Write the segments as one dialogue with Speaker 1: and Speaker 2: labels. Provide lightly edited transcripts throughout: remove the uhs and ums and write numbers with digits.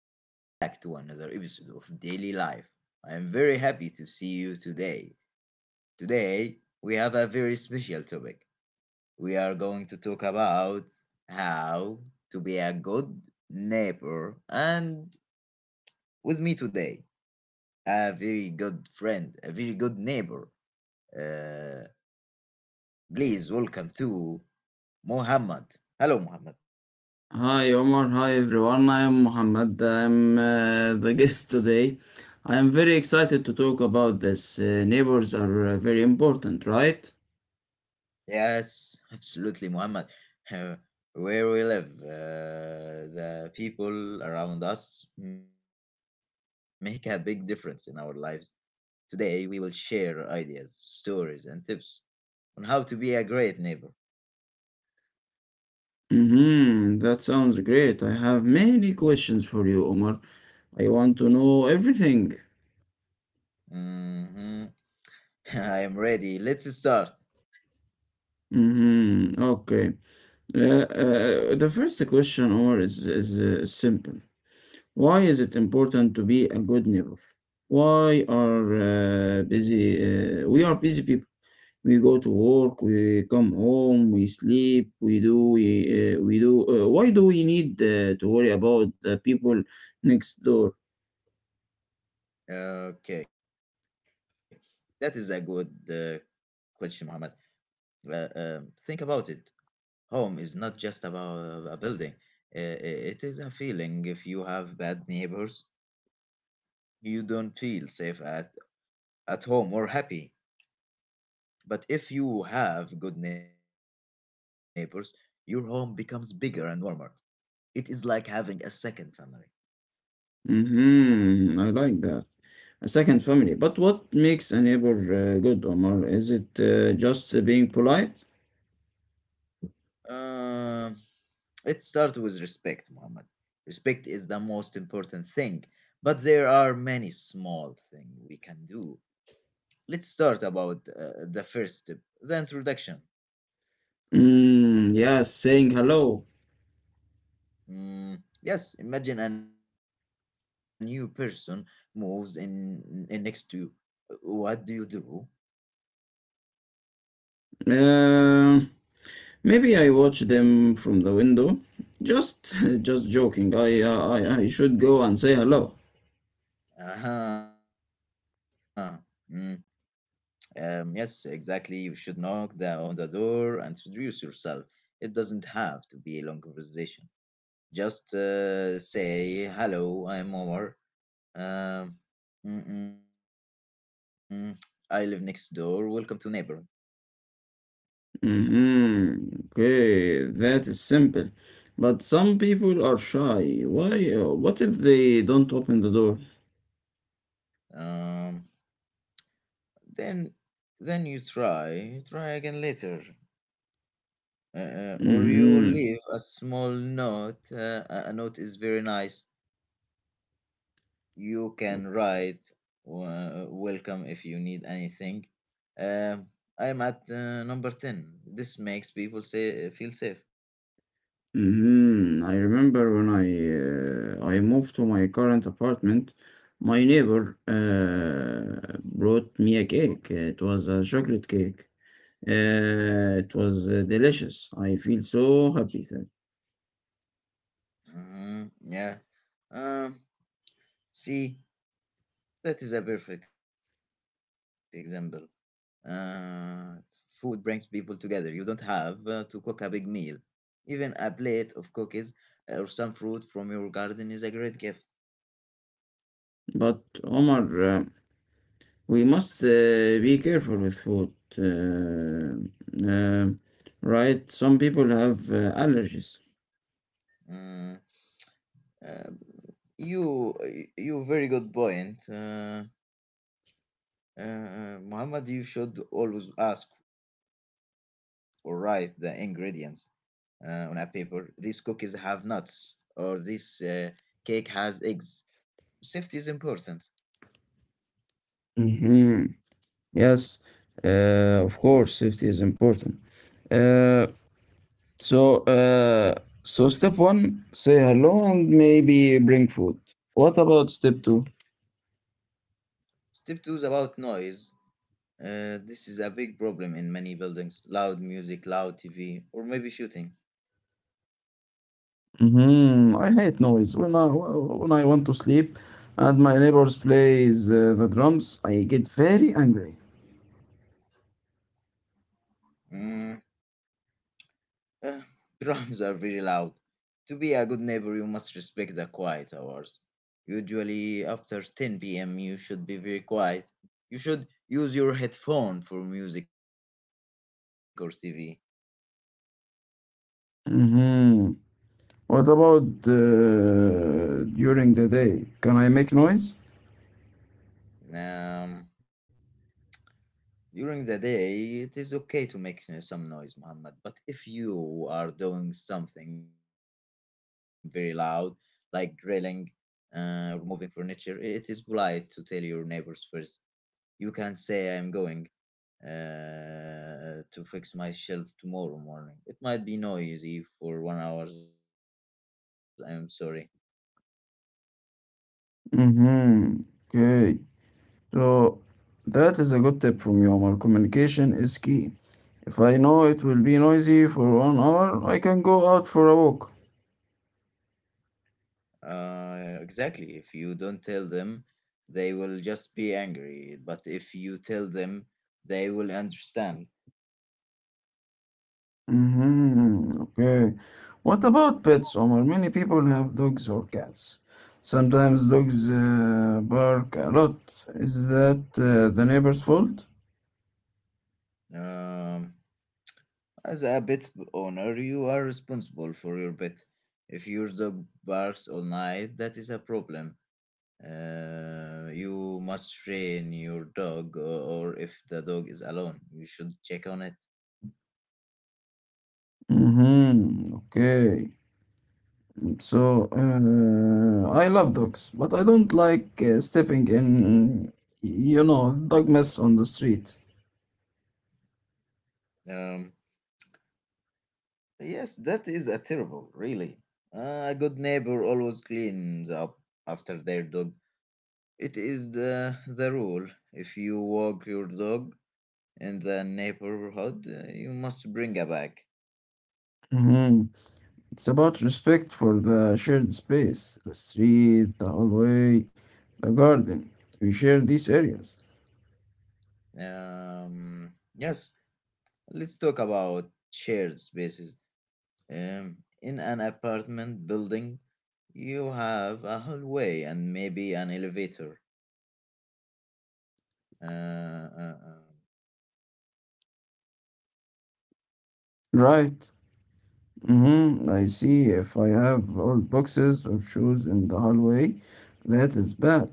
Speaker 1: Welcome back to another episode of Daily Life. I am very happy to see you today. Today, we have a very special topic. We are going to talk about how to be a good neighbor. And with me today, a very good friend, a very good neighbor. Uh, Please welcome to Muhammad. Hello, Muhammad.
Speaker 2: Hi Omar, hi everyone. I am Muhammad. I am the guest today. I am very excited to talk about this. Neighbors are very important, right?
Speaker 1: Yes, absolutely, Muhammad. Uh, where we live, the people around us make a big difference in our lives. Today, we will share ideas, stories, and tips on how to be a great neighbor.
Speaker 2: Mm-hmm. That sounds great. I have many questions for you, Omar. I want to know everything.
Speaker 1: Hmm. I am ready. Let's start.
Speaker 2: Mm-hmm. Okay. The first question, Omar, is simple. Why is it important to be a good neighbor? Why are busy? We are busy people. We go to work, we come home, we sleep, we do, we do. Why do we need to worry about the people next door?
Speaker 1: Okay, that is a good question, Muhammad. Think about it. Home is not just about a building. Uh, It is a feeling. If you have bad neighbors, you don't feel safe at home or happy. But if you have good neighbors, your home becomes bigger and warmer. It is like having a second family.
Speaker 2: Mm-hmm. I like that. A second family. But what makes a neighbor good, Omar? Is it just being polite?
Speaker 1: Um, it starts with respect, Muhammad. Respect is the most important thing, but there are many small things we can do. Let's start about the first step, the introduction.
Speaker 2: Mm, yeah, saying hello.
Speaker 1: Yes, imagine a new person moves in next to you. What do you do?
Speaker 2: Uh, Maybe I watch them from the window. Just, just joking. I should go and say hello.
Speaker 1: Uh-huh. Mm, yes, exactly. You should knock on the door and introduce yourself. It doesn't have to be a long conversation. Just say, hello, I'm Omar. Um, mm-mm, I live next door. Welcome to neighborhood.
Speaker 2: Mm-hmm. Okay, that is simple. But some people are shy. Why? What if they don't open the door?
Speaker 1: Um, then, then you try again later. Or you
Speaker 2: Mm-hmm.
Speaker 1: leave a small note. A note is very nice. You can write welcome if you need anything. Um, I'm at number 10. This makes people say feel safe.
Speaker 2: Mhm. I remember when I moved to my current apartment, my neighbor brought me a cake. It was a chocolate cake. It was delicious. I feel so happy then.
Speaker 1: Hmm, yeah. Um, See, that is a perfect example. Uh, Food brings people together. You don't have to cook a big meal. Even a plate of cookies or some fruit from your garden is a great gift.
Speaker 2: But Omar, we must be careful with food, uh, uh, right? Some people have allergies.
Speaker 1: Uh, uh, you you very good point. Muhammad, you should always ask or write the ingredients on a paper. These cookies have nuts, or this cake has eggs. Safety is important.
Speaker 2: Hmm. Yes, of course, safety is important. Uh. So, step one, say hello and maybe bring food. What about step 2?
Speaker 1: Step two is about noise. This is a big problem in many buildings. Loud music, loud TV, or maybe shooting.
Speaker 2: Mm-hmm. I hate noise. When I want to sleep, and my neighbors plays the drums, I get very angry.
Speaker 1: Mm, uh, Drums are very loud. To be a good neighbor, you must respect the quiet hours. Usually, after 10 p.m., you should be very quiet. You should use your headphone for music or TV.
Speaker 2: Hmm. What about during the day? Can I make noise?
Speaker 1: Um, During the day, it is okay to make some noise, Muhammad. But if you are doing something very loud, like drilling or moving furniture, it is polite to tell your neighbors first. You can say, I'm going to fix my shelf tomorrow morning. It might be noisy for 1 hour. I'm sorry.
Speaker 2: Hmm. Okay. So that is a good tip from you, Omar. Communication is key. If I know it will be noisy for 1 hour, I can go out for a walk.
Speaker 1: Exactly. If you don't tell them, they will just be angry. But if you tell them, they will understand.
Speaker 2: Mm-hmm. Okay. What about pets, Omar? Many people have dogs or cats. Sometimes dogs bark a lot. Is that the neighbor's fault?
Speaker 1: Um, as a pet owner, you are responsible for your pet. If your dog barks all night, that is a problem. You must train your dog, or if the dog is alone, you should check on it.
Speaker 2: Mm-hmm. Okay. So, I love dogs, but I don't like stepping in dog mess on the street.
Speaker 1: Um, yes, that is a terrible, really. A good neighbor always cleans up after their dog. It is the rule. If you walk your dog in the neighborhood, you must bring a bag.
Speaker 2: Mhm. It's about respect for the shared space, the street, the hallway, the garden. We share these areas.
Speaker 1: Yes, let's talk about shared spaces. In an apartment building, you have a hallway and maybe an elevator. Uh, uh, uh,
Speaker 2: Right. Mm-hmm. I see. If I have old boxes or shoes in the hallway, that is bad.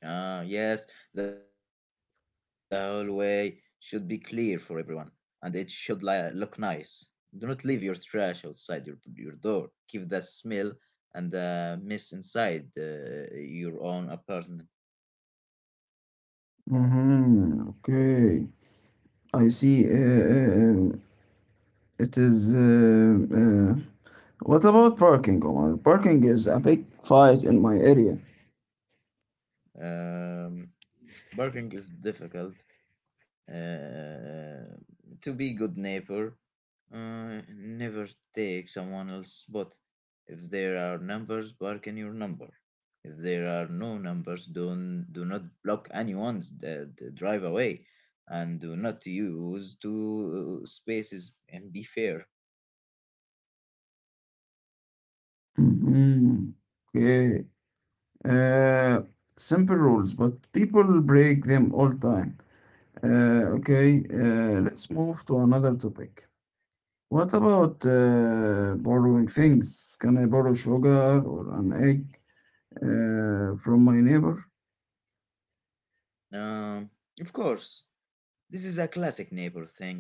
Speaker 1: yes, the hallway should be clear for everyone and it should look nice. Do not leave your trash outside your door. Keep the smell and the mess inside your own apartment.
Speaker 2: Mm-hmm. Okay. I see. It is. Uh, uh, What about parking, Omar? Parking is a big fight in my area.
Speaker 1: Um, Barking is difficult. Uh, to be good neighbor, never take someone else's spot. If there are numbers, bark in your number. If there are no numbers, don't do not block anyone's the drive away, and do not use two spaces and be fair.
Speaker 2: Mhm. Okay. Uh, Simple rules, but people break them all time. Okay. Let's move to another topic. What about borrowing things? Can I borrow sugar or an egg from my neighbor?
Speaker 1: Um, of course, this is a classic neighbor thing.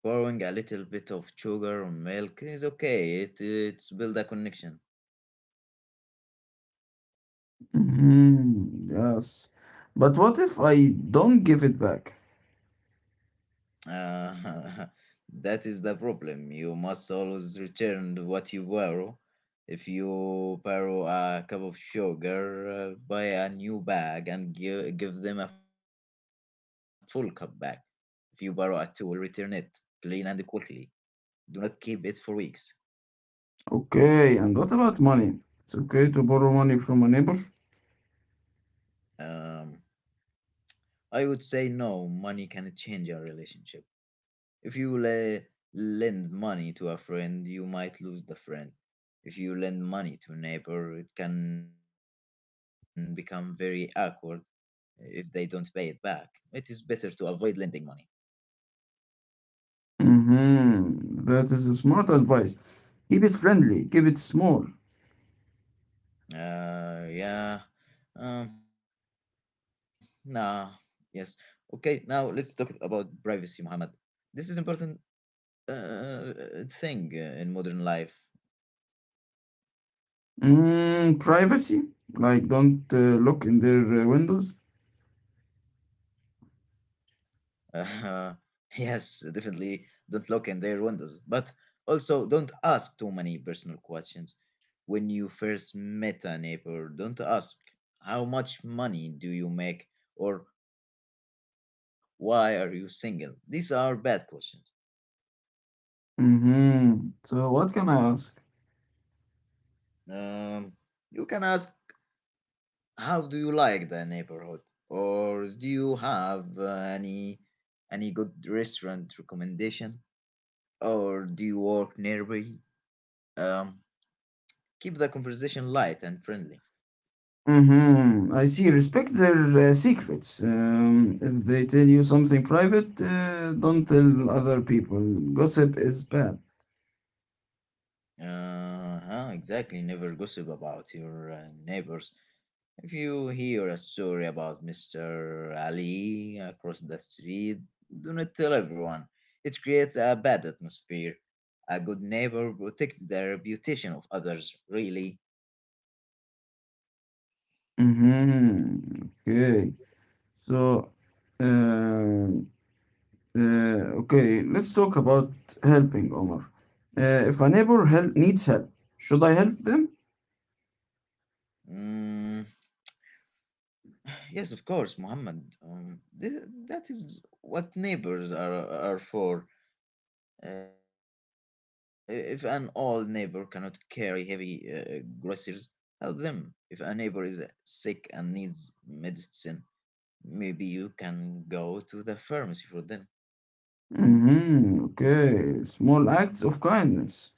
Speaker 1: Borrowing a little bit of sugar or milk is okay. It's build a connection.
Speaker 2: Mhm, yes. But what if I don't give it back?
Speaker 1: Uh, that is the problem. You must always return to what you borrow. If you borrow a cup of sugar, buy a new bag and give them a full cup back. If you borrow a tool, return it clean and quickly. Do not keep it for weeks.
Speaker 2: Okay, and what about money? It's okay to borrow money from a neighbor?
Speaker 1: Um, I would say no, money can change a relationship. If you lend money to a friend, you might lose the friend. If you lend money to a neighbor, it can become very awkward if they don't pay it back. It is better to avoid lending money.
Speaker 2: Mm-hmm. That is a smart advice. Keep it friendly, keep it small.
Speaker 1: Yeah. Nah. Yes. Okay, now let's talk about privacy, Muhammad. This is important thing in modern life.
Speaker 2: Mm, privacy? Like don't look in their windows?
Speaker 1: Uh, yes, definitely don't look in their windows, but also don't ask too many personal questions. When you first met a neighbor, don't ask how much money do you make or why are you single. These are bad questions.
Speaker 2: Mm-hmm. So what can I ask?
Speaker 1: Um, you can ask how do you like the neighborhood or do you have any good restaurant recommendation or do you work nearby? Um, Keep the conversation light and friendly.
Speaker 2: Mm-hmm. I see. Respect their secrets. If they tell you something private, don't tell other people. Gossip is bad.
Speaker 1: Uh-huh, exactly. Never gossip about your neighbors. If you hear a story about Mr. Ali across the street, do not tell everyone. It creates a bad atmosphere. A good neighbor protects the reputation of others, really.
Speaker 2: Mm-hmm. Okay. So, um, uh, okay, let's talk about helping Omar. If a neighbor needs help, should I help them?
Speaker 1: Mm, yes, of course, Muhammad. That is what neighbors are for. If an old neighbor cannot carry heavy groceries, help them. If a neighbor is sick and needs medicine, maybe you can go to the pharmacy for them.
Speaker 2: Mm-hmm. Okay, small acts of kindness.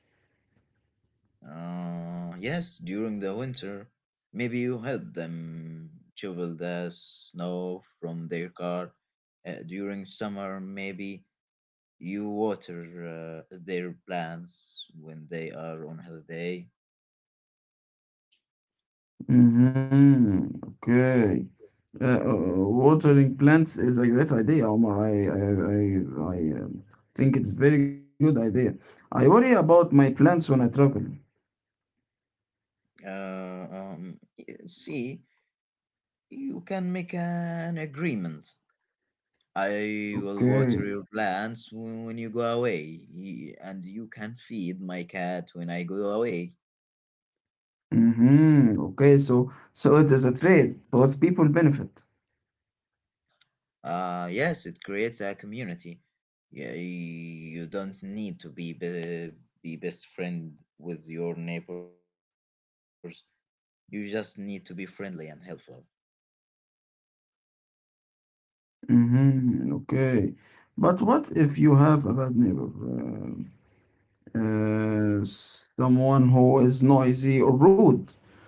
Speaker 1: Yes, during the winter, maybe you help them shovel the snow from their car. During summer, maybe you water their plants when they are on holiday.
Speaker 2: Mm-hmm. Okay. Uh, uh, Watering plants is a great idea, Omar. I, I think it's very good idea. I worry about my plants when I travel.
Speaker 1: Uh, um, See, you can make an agreement. I will water
Speaker 2: Okay.
Speaker 1: your plants when you go away, and you can feed my cat when I go away.
Speaker 2: Mhm. Okay, so it is a trade. Both people benefit.
Speaker 1: Yes, it creates a community. Yeah, you don't need to be best friend with your neighbors. You just need to be friendly and helpful.
Speaker 2: Mhm. Okay. But what if you have a bad neighbor? Someone who is noisy or rude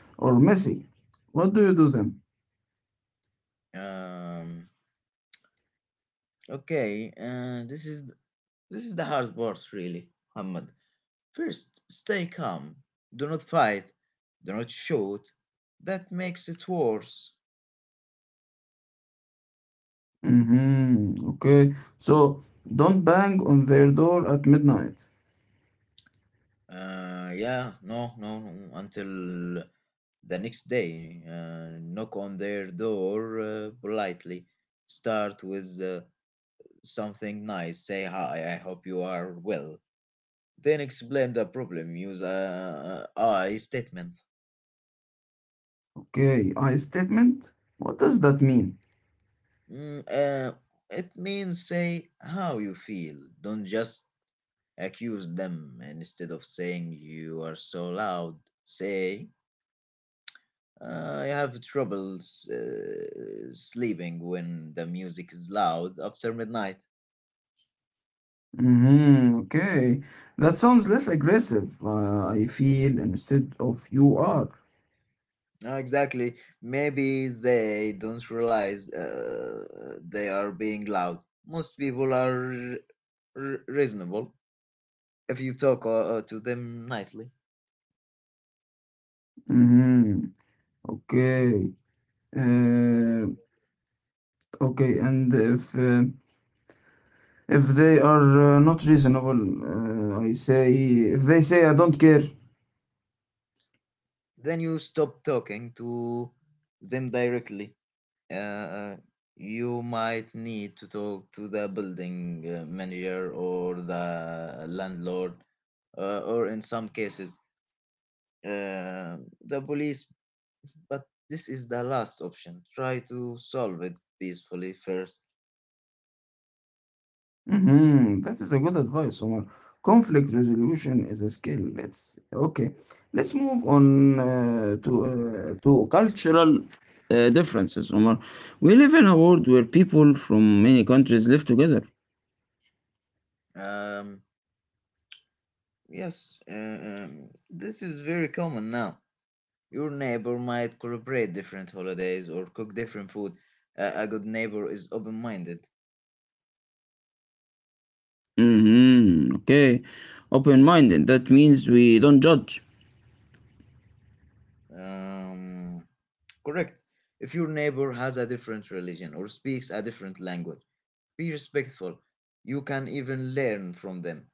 Speaker 2: or messy. What do you do then?
Speaker 1: Um, okay, this is the hard part, really, Hamad. First, stay calm. Do not fight. Do not shoot. That makes it worse.
Speaker 2: Mhm. Okay. So don't bang on their door at midnight.
Speaker 1: Yeah, no, no, no. Until the next day, knock on their door politely. Start with something nice. Say hi. I hope you are well. Then explain the problem. Use a I statement.
Speaker 2: Okay. I statement. What does that mean?
Speaker 1: Mm, uh, it means say how you feel. Don't just accuse them, and instead of saying you are so loud, say I have trouble sleeping when the music is loud after midnight.
Speaker 2: Mm-hmm. Okay. That sounds less aggressive, I feel, instead of you are.
Speaker 1: No, exactly. Maybe they don't realize they are being loud. Most people are reasonable if you talk to them nicely.
Speaker 2: Mm-hmm. Okay. Uh, okay. And if they are not reasonable, I say if they say I don't care.
Speaker 1: Then you stop talking to them directly. uh, you might need to talk to the building manager or the landlord, or in some cases, uh, the police. But this is the last option. Try to solve it peacefully first.
Speaker 2: Mhm, that is a good advice, Omar. Conflict resolution is a skill. Let's okay. Let's move on to cultural differences, Omar. We live in a world where people from many countries live together.
Speaker 1: Um, yes, this is very common now. Your neighbor might celebrate different holidays or cook different food. A good neighbor is open minded.
Speaker 2: Mm-hmm. Okay. Open-minded. That means we don't judge.
Speaker 1: Um, Correct. If your neighbor has a different religion or speaks a different language, be respectful. You can even learn from them.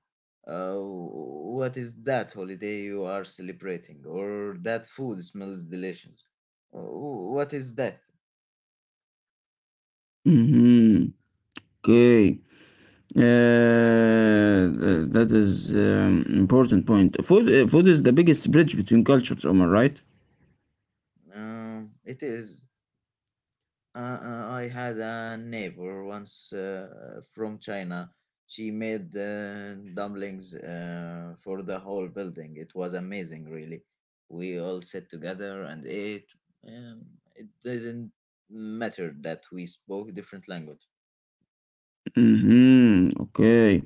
Speaker 1: What is that holiday you are celebrating? Or that food smells delicious? Uh, What is that?
Speaker 2: Mm-hmm. Okay. That is important point. Food is the biggest bridge between cultures, Omar, right?
Speaker 1: It is. I had a neighbor once from China. She made dumplings for the whole building. It was amazing, really. We all sat together and ate. Um, it didn't matter that we spoke different language.
Speaker 2: Hmm. Okay.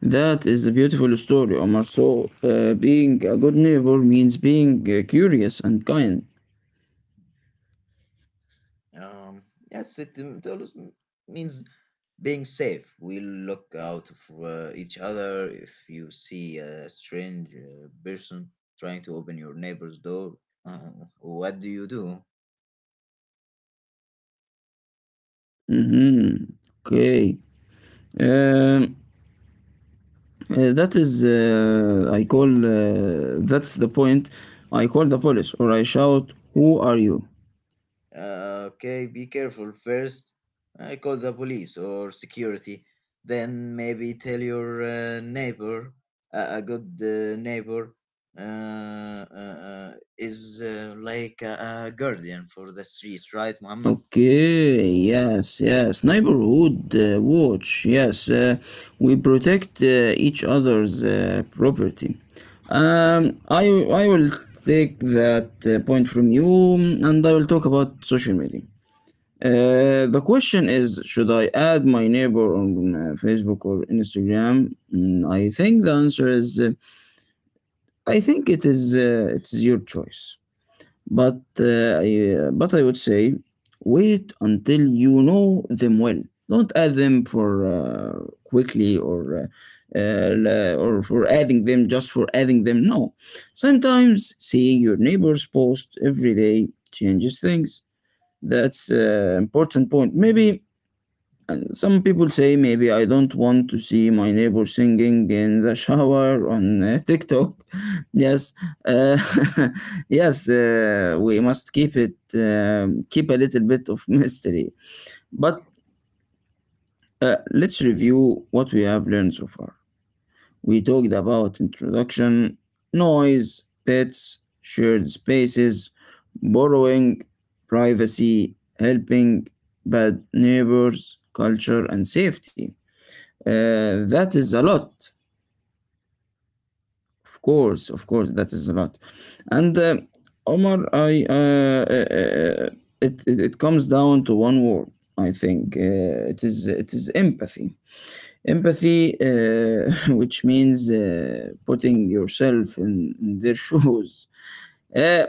Speaker 2: That is a beautiful story, Omar. So, being a good neighbor means being curious and kind.
Speaker 1: Um, yes, it always means being safe. We look out for each other. If you see a strange person trying to open your neighbor's door, uh, what do you do?
Speaker 2: Hmm. Okay. Um, that is, that's the point. I call the police or I shout, who are you?
Speaker 1: Okay, be careful. First, I call the police or security. Then maybe tell your neighbor, a good neighbor. Is like a guardian for the street, right, Muhammad?
Speaker 2: Okay, yes, yes. Neighborhood watch, yes. We protect each other's property. Um, I, I will take that point from you and I will talk about social media. The question is, should I add my neighbor on Facebook or Instagram? I think the answer is, I think it is your choice. But I would say, wait until you know them well. Don't add them for quickly or or for adding them just for adding them. No, sometimes seeing your neighbor's post every day changes things. That's an important point. Maybe and some people say maybe I don't want to see my neighbor singing in the shower on TikTok. Yes, uh, yes, we must keep a little bit of mystery. But let's review what we have learned so far. We talked about introduction, noise, pets, shared spaces, borrowing, privacy, helping, bad neighbors, culture, and safety. That is a lot. Of course, that is a lot. And Omar, I it, it it comes down to one word. I think it is empathy. Empathy, which means putting yourself in their shoes. Uh,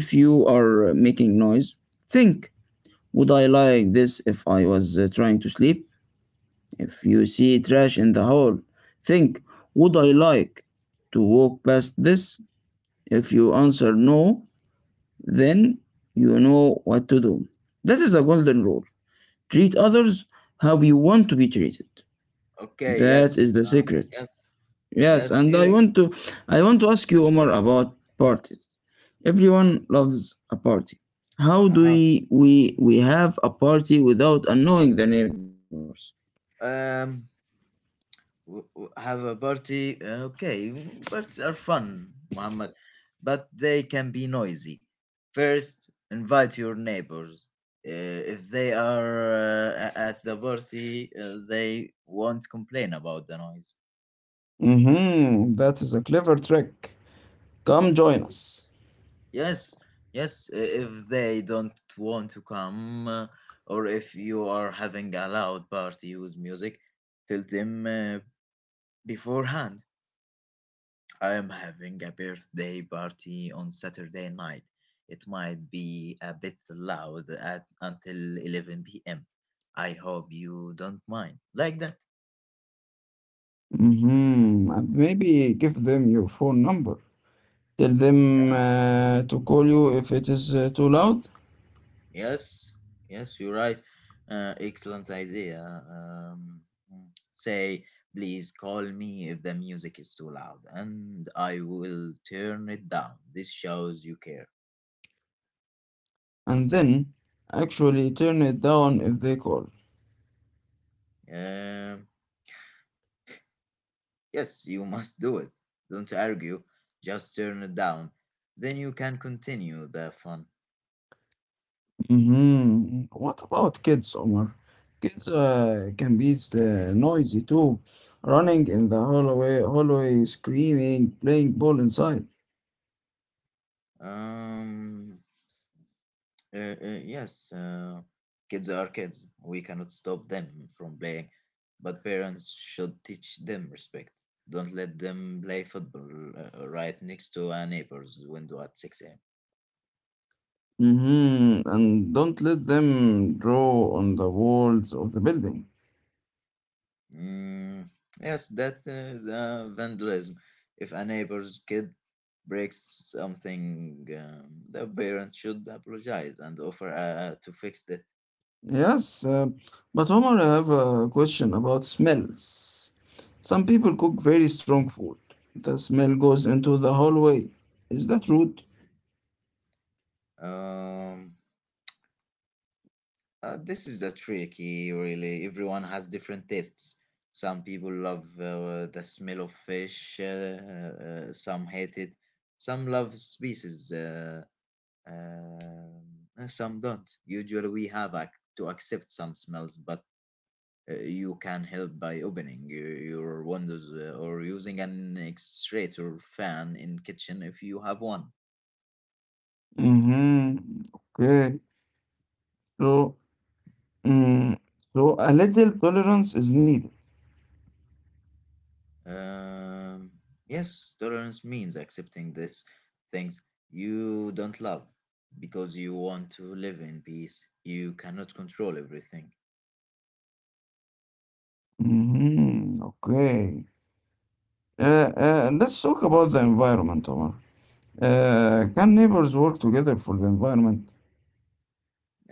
Speaker 2: if you are making noise, think: would I like this if I was trying to sleep? If you see trash in the hall, think, would I like to walk past this? If you answer no, then you know what to do. That is the golden rule. Treat others how you want to be treated.
Speaker 1: Okay, yes,
Speaker 2: That is the secret.
Speaker 1: yes,
Speaker 2: Yes,
Speaker 1: yes. You
Speaker 2: and I want to ask you Omar about parties. Everyone loves a party. How do
Speaker 1: Uh-huh.
Speaker 2: we have a party without annoying the neighbors?
Speaker 1: Um, have a party. Okay, parties are fun, Muhammad, but they can be noisy. First, invite your neighbors. Uh, if they are at the party, they won't complain about the noise.
Speaker 2: Mm-hmm. That is a clever trick. Come join us.
Speaker 1: Yes, yes, if they don't want to come, or if you are having a loud party with music, tell them beforehand. I am having a birthday party on Saturday night. It might be a bit loud at until 11 p.m. I hope you don't mind. Like that.
Speaker 2: Hmm. And maybe give them your phone number. Tell them to call you if it is too loud.
Speaker 1: Yes, yes, you're right. Excellent idea. Mm. Say, please call me if the music is too loud, and I will turn it down. This shows you care.
Speaker 2: And then actually turn it down if they call.
Speaker 1: Um, Yes, you must do it. Don't argue, just turn it down. Then you can continue the fun.
Speaker 2: Hmm. What about kids, Omar? Kids can be noisy too. Running in the hallway, screaming, playing ball inside.
Speaker 1: Um, yes, kids are kids. We cannot stop them from playing, but parents should teach them respect. Don't let them play football right next to a neighbor's window at 6 a.m.
Speaker 2: Hmm. And don't let them draw on the walls of the building.
Speaker 1: Mm, yes, that is vandalism. If a neighbor's kid breaks something, the parent should apologize and offer to fix it.
Speaker 2: Yes, but Omar, I have a question about smells. Some people cook very strong food. The smell goes into the hallway. Is that rude?
Speaker 1: Um, this is a tricky, really. Everyone has different tastes. Some people love the smell of fish, some hate it, some love species, um, and some don't. Usually, we have to accept some smells, but you can help by opening your windows or using an extractor fan in kitchen if you have one.
Speaker 2: Mm-hmm. Okay. So, mm, so a little tolerance is needed.
Speaker 1: Um, yes, tolerance means accepting these things you don't love because you want to live in peace. You cannot control everything.
Speaker 2: Mm-hmm. Okay. Let's talk about the environment, Omar. Can neighbors work together for the environment?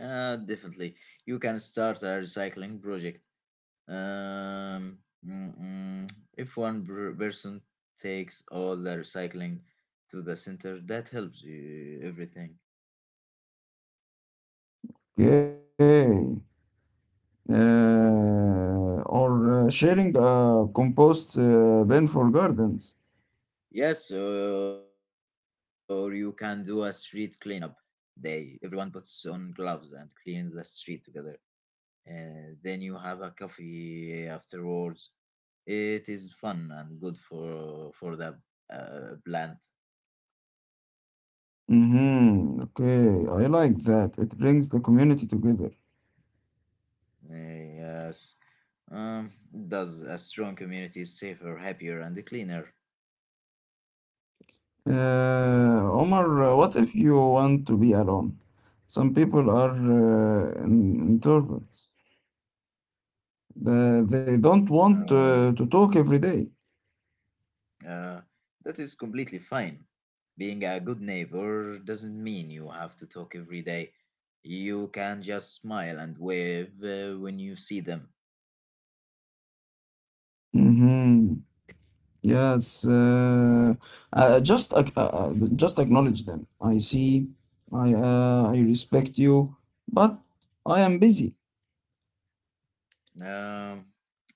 Speaker 1: Definitely, you can start a recycling project. Um, mm, mm, if one person takes all the recycling to the center, that helps you, everything.
Speaker 2: Okay. Or sharing a compost bin for gardens.
Speaker 1: Yes, or you can do a street cleanup day. Everyone puts on gloves and cleans the street together. Then you have a coffee afterwards. It is fun and good for the plant.
Speaker 2: Mm-hmm. Okay, I like that. It brings the community together.
Speaker 1: Yes. Um, does a strong community is safer, happier, and cleaner?
Speaker 2: Omar, what if you want to be alone? Some people are introverts. They
Speaker 1: Uh,
Speaker 2: don't want to talk every day.
Speaker 1: uh, that is completely fine. Being a good neighbor doesn't mean you have to talk every day. You can just smile and wave when you see them.
Speaker 2: Mm-hmm. Yes. Just acknowledge them. I see. I respect you, but I am busy.
Speaker 1: Um,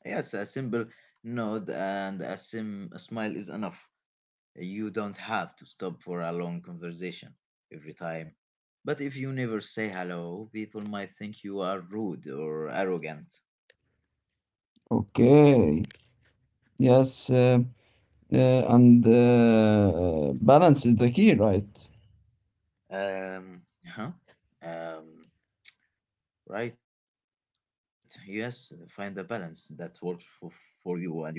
Speaker 1: yes, a simple nod and a smile is enough. You don't have to stop for a long conversation every time. But if you never say hello, people might think you are rude or arrogant.
Speaker 2: Okay. Yes. Uh, and balance is the key, right?
Speaker 1: Huh? Um, right, yes, find a balance that works for you and your neighbors.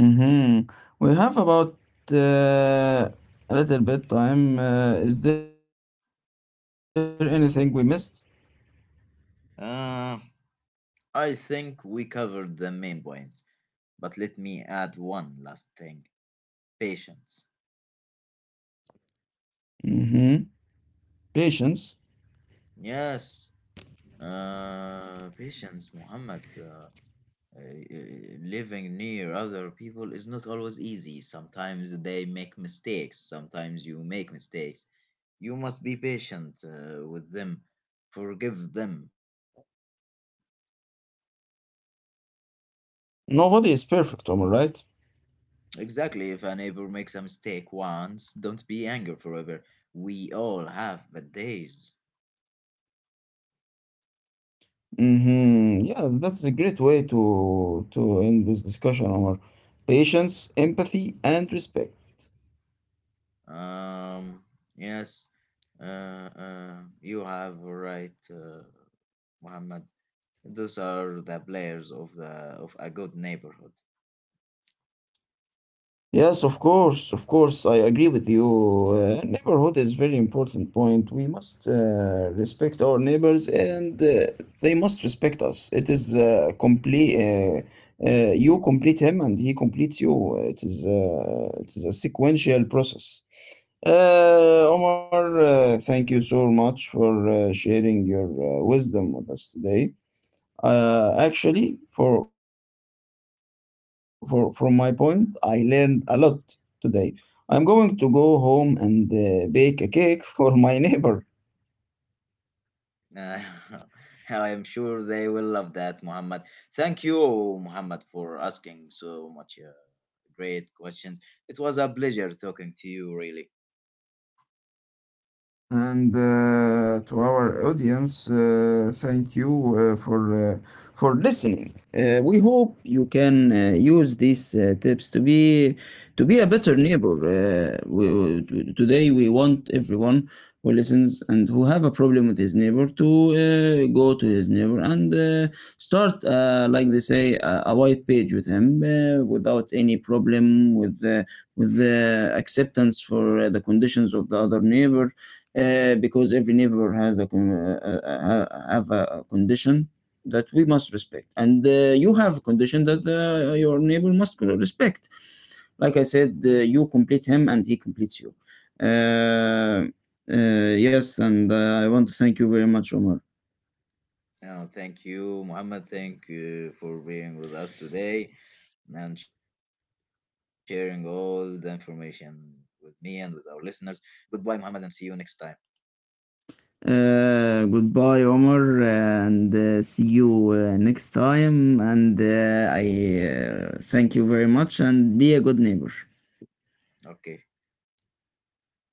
Speaker 2: Mm-hmm. We have about uh, a little bit time. Is there anything we missed?
Speaker 1: Uh, I think we covered the main points, but let me add one last thing: patience.
Speaker 2: Mm-hmm. Patience.
Speaker 1: Yes, patience, Muhammad. Uh, Living near other people is not always easy. Sometimes they make mistakes, sometimes you make mistakes. You must be patient with them, forgive them.
Speaker 2: Nobody is perfect, Omar, right?
Speaker 1: Exactly, if a neighbor makes a mistake once, don't be angry forever. We all have bad days.
Speaker 2: Hmm. Yeah, that's a great way to end this discussion, Omar. Patience, empathy, and respect.
Speaker 1: Um, yes, uh, uh, you have right, Muhammad. Those are the players of a good neighborhood.
Speaker 2: Yes, of course, I agree with you. Neighborhood is very important point. We must respect our neighbors, and they must respect us. It is complete. You complete him, and he completes you. It is a sequential process. Omar, thank you so much for sharing your wisdom with us today. Actually, for from my point, I learned a lot today. I'm going to go home and bake a cake for my neighbor.
Speaker 1: Uh, I am sure they will love that, Muhammad. Thank you, Muhammad, for asking so much great questions. It was a pleasure talking to you, really.
Speaker 2: And to our audience, thank you for listening. We hope you can use these tips to be a better neighbor. Today, we want everyone who listens and who have a problem with his neighbor to go to his neighbor and start, like they say, a white page with him without any problem with. With the acceptance for the conditions of the other neighbor, because every neighbor has have a condition that we must respect, and you have a condition that your neighbor must respect. Like I said, you complete him and he completes you. uh, yes, and I want to thank you very much, Omar.
Speaker 1: Oh, thank you, Muhammad. Thank you for being with us today and sharing all the information with me and with our listeners. Goodbye, Muhammad, and see you next time.
Speaker 2: Goodbye, Omar, and see you next time. And I thank you very much, and be a good neighbor.
Speaker 1: Okay.